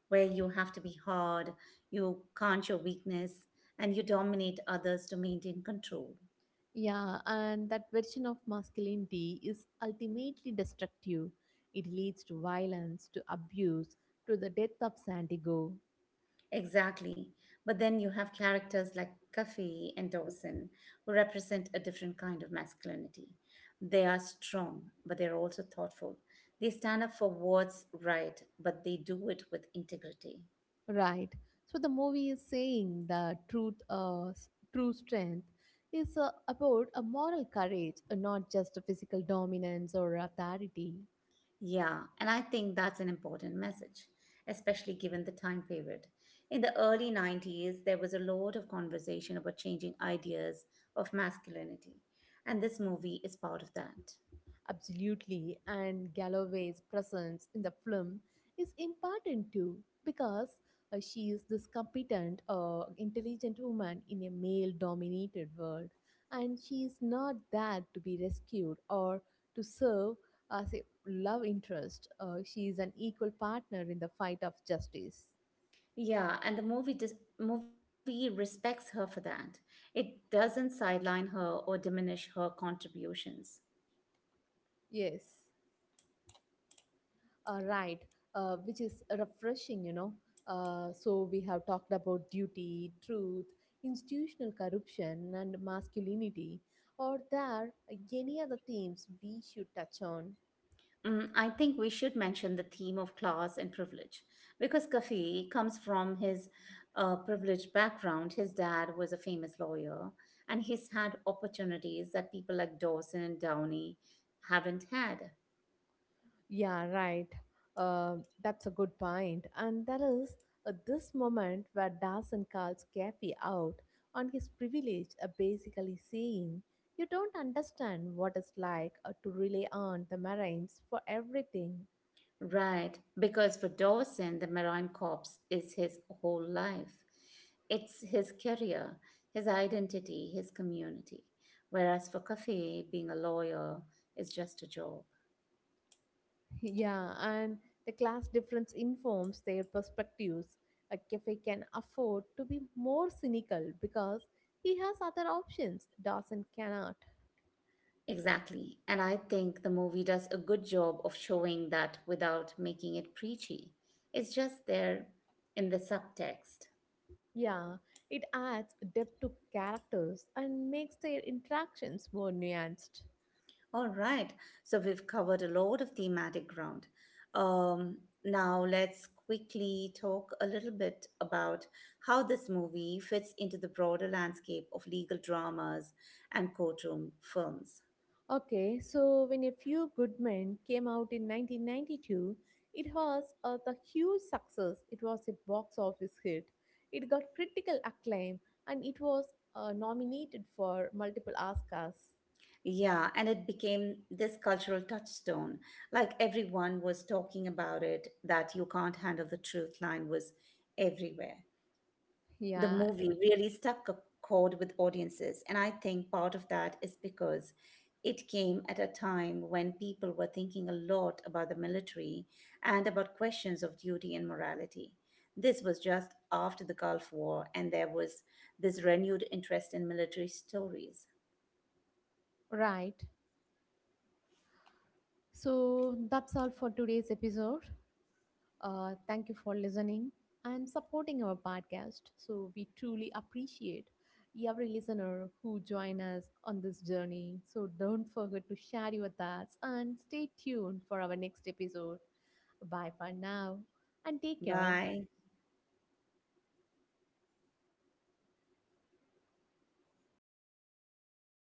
S2: where you have to be hard, you can't show weakness, and you dominate others to maintain control.
S1: Yeah, and that version of masculinity is ultimately destructive. It leads to violence, to abuse, to the death of Santiago.
S2: Exactly. But then you have characters like Cuffy and Dawson who represent a different kind of masculinity. They are strong, but they're also thoughtful. They stand up for what's right, but they do it with integrity.
S1: Right. So the movie is saying the truth, true strength is about a moral courage, not just a physical dominance or authority.
S2: Yeah, and I think that's an important message, especially given the time period. In the early 90s, there was a lot of conversation about changing ideas of masculinity, and this movie is part of that.
S1: Absolutely, and Galloway's presence in the film is important too, because she is this competent, intelligent woman in a male dominated world, and she is not there to be rescued or to serve as a love interest. She is an equal partner in the fight of justice.
S2: Yeah, and the movie respects her for that. It doesn't sideline her or diminish her contributions.
S1: Yes. Right, which is refreshing, you know. So we have talked about duty, truth, institutional corruption, and masculinity. Are there any other themes we should touch on?
S2: Mm, I think we should mention the theme of class and privilege because Kafi comes from his privileged background. His dad was a famous lawyer and he's had opportunities that people like Dawson and Downey haven't had.
S1: Yeah, right. That's a good point. And that is this moment where Dawson calls Kathy out on his privilege, basically saying, "You don't understand what it's like to rely on the Marines for everything."
S2: Right, because for Dawson, the Marine Corps is his whole life. It's his career, his identity, his community. Whereas for Kafi, being a lawyer is just a job.
S1: Yeah, and the class difference informs their perspectives. A cafe can afford to be more cynical because he has other options. Dawson cannot.
S2: Exactly. And I think the movie does a good job of showing that without making it preachy. It's just there in the subtext.
S1: Yeah, it adds depth to characters and makes their interactions more nuanced.
S2: All right. So we've covered a lot of thematic ground. Um, Now let's quickly talk a little bit about how this movie fits into the broader landscape of legal dramas and courtroom films.
S1: Okay, so when A Few Good Men came out in 1992, it was a the huge success. It was a box office hit. It got critical acclaim and it was nominated for multiple Oscars.
S2: Yeah, and it became this cultural touchstone. Like everyone was talking about it, that "you can't handle the truth" line was everywhere. The
S1: Yeah,
S2: movie
S1: it-
S2: really stuck a chord with audiences, and I think part of that is because it came at a time when people were thinking a lot about the military and about questions of duty and morality. This was just after the Gulf War, and there was this renewed interest in military stories.
S1: right. So that's all for today's episode. Thank you for listening and supporting our podcast. So we truly appreciate every listener who join us on this journey. So don't forget to share your thoughts and stay tuned for our next episode. Bye for now and take care.
S2: Bye.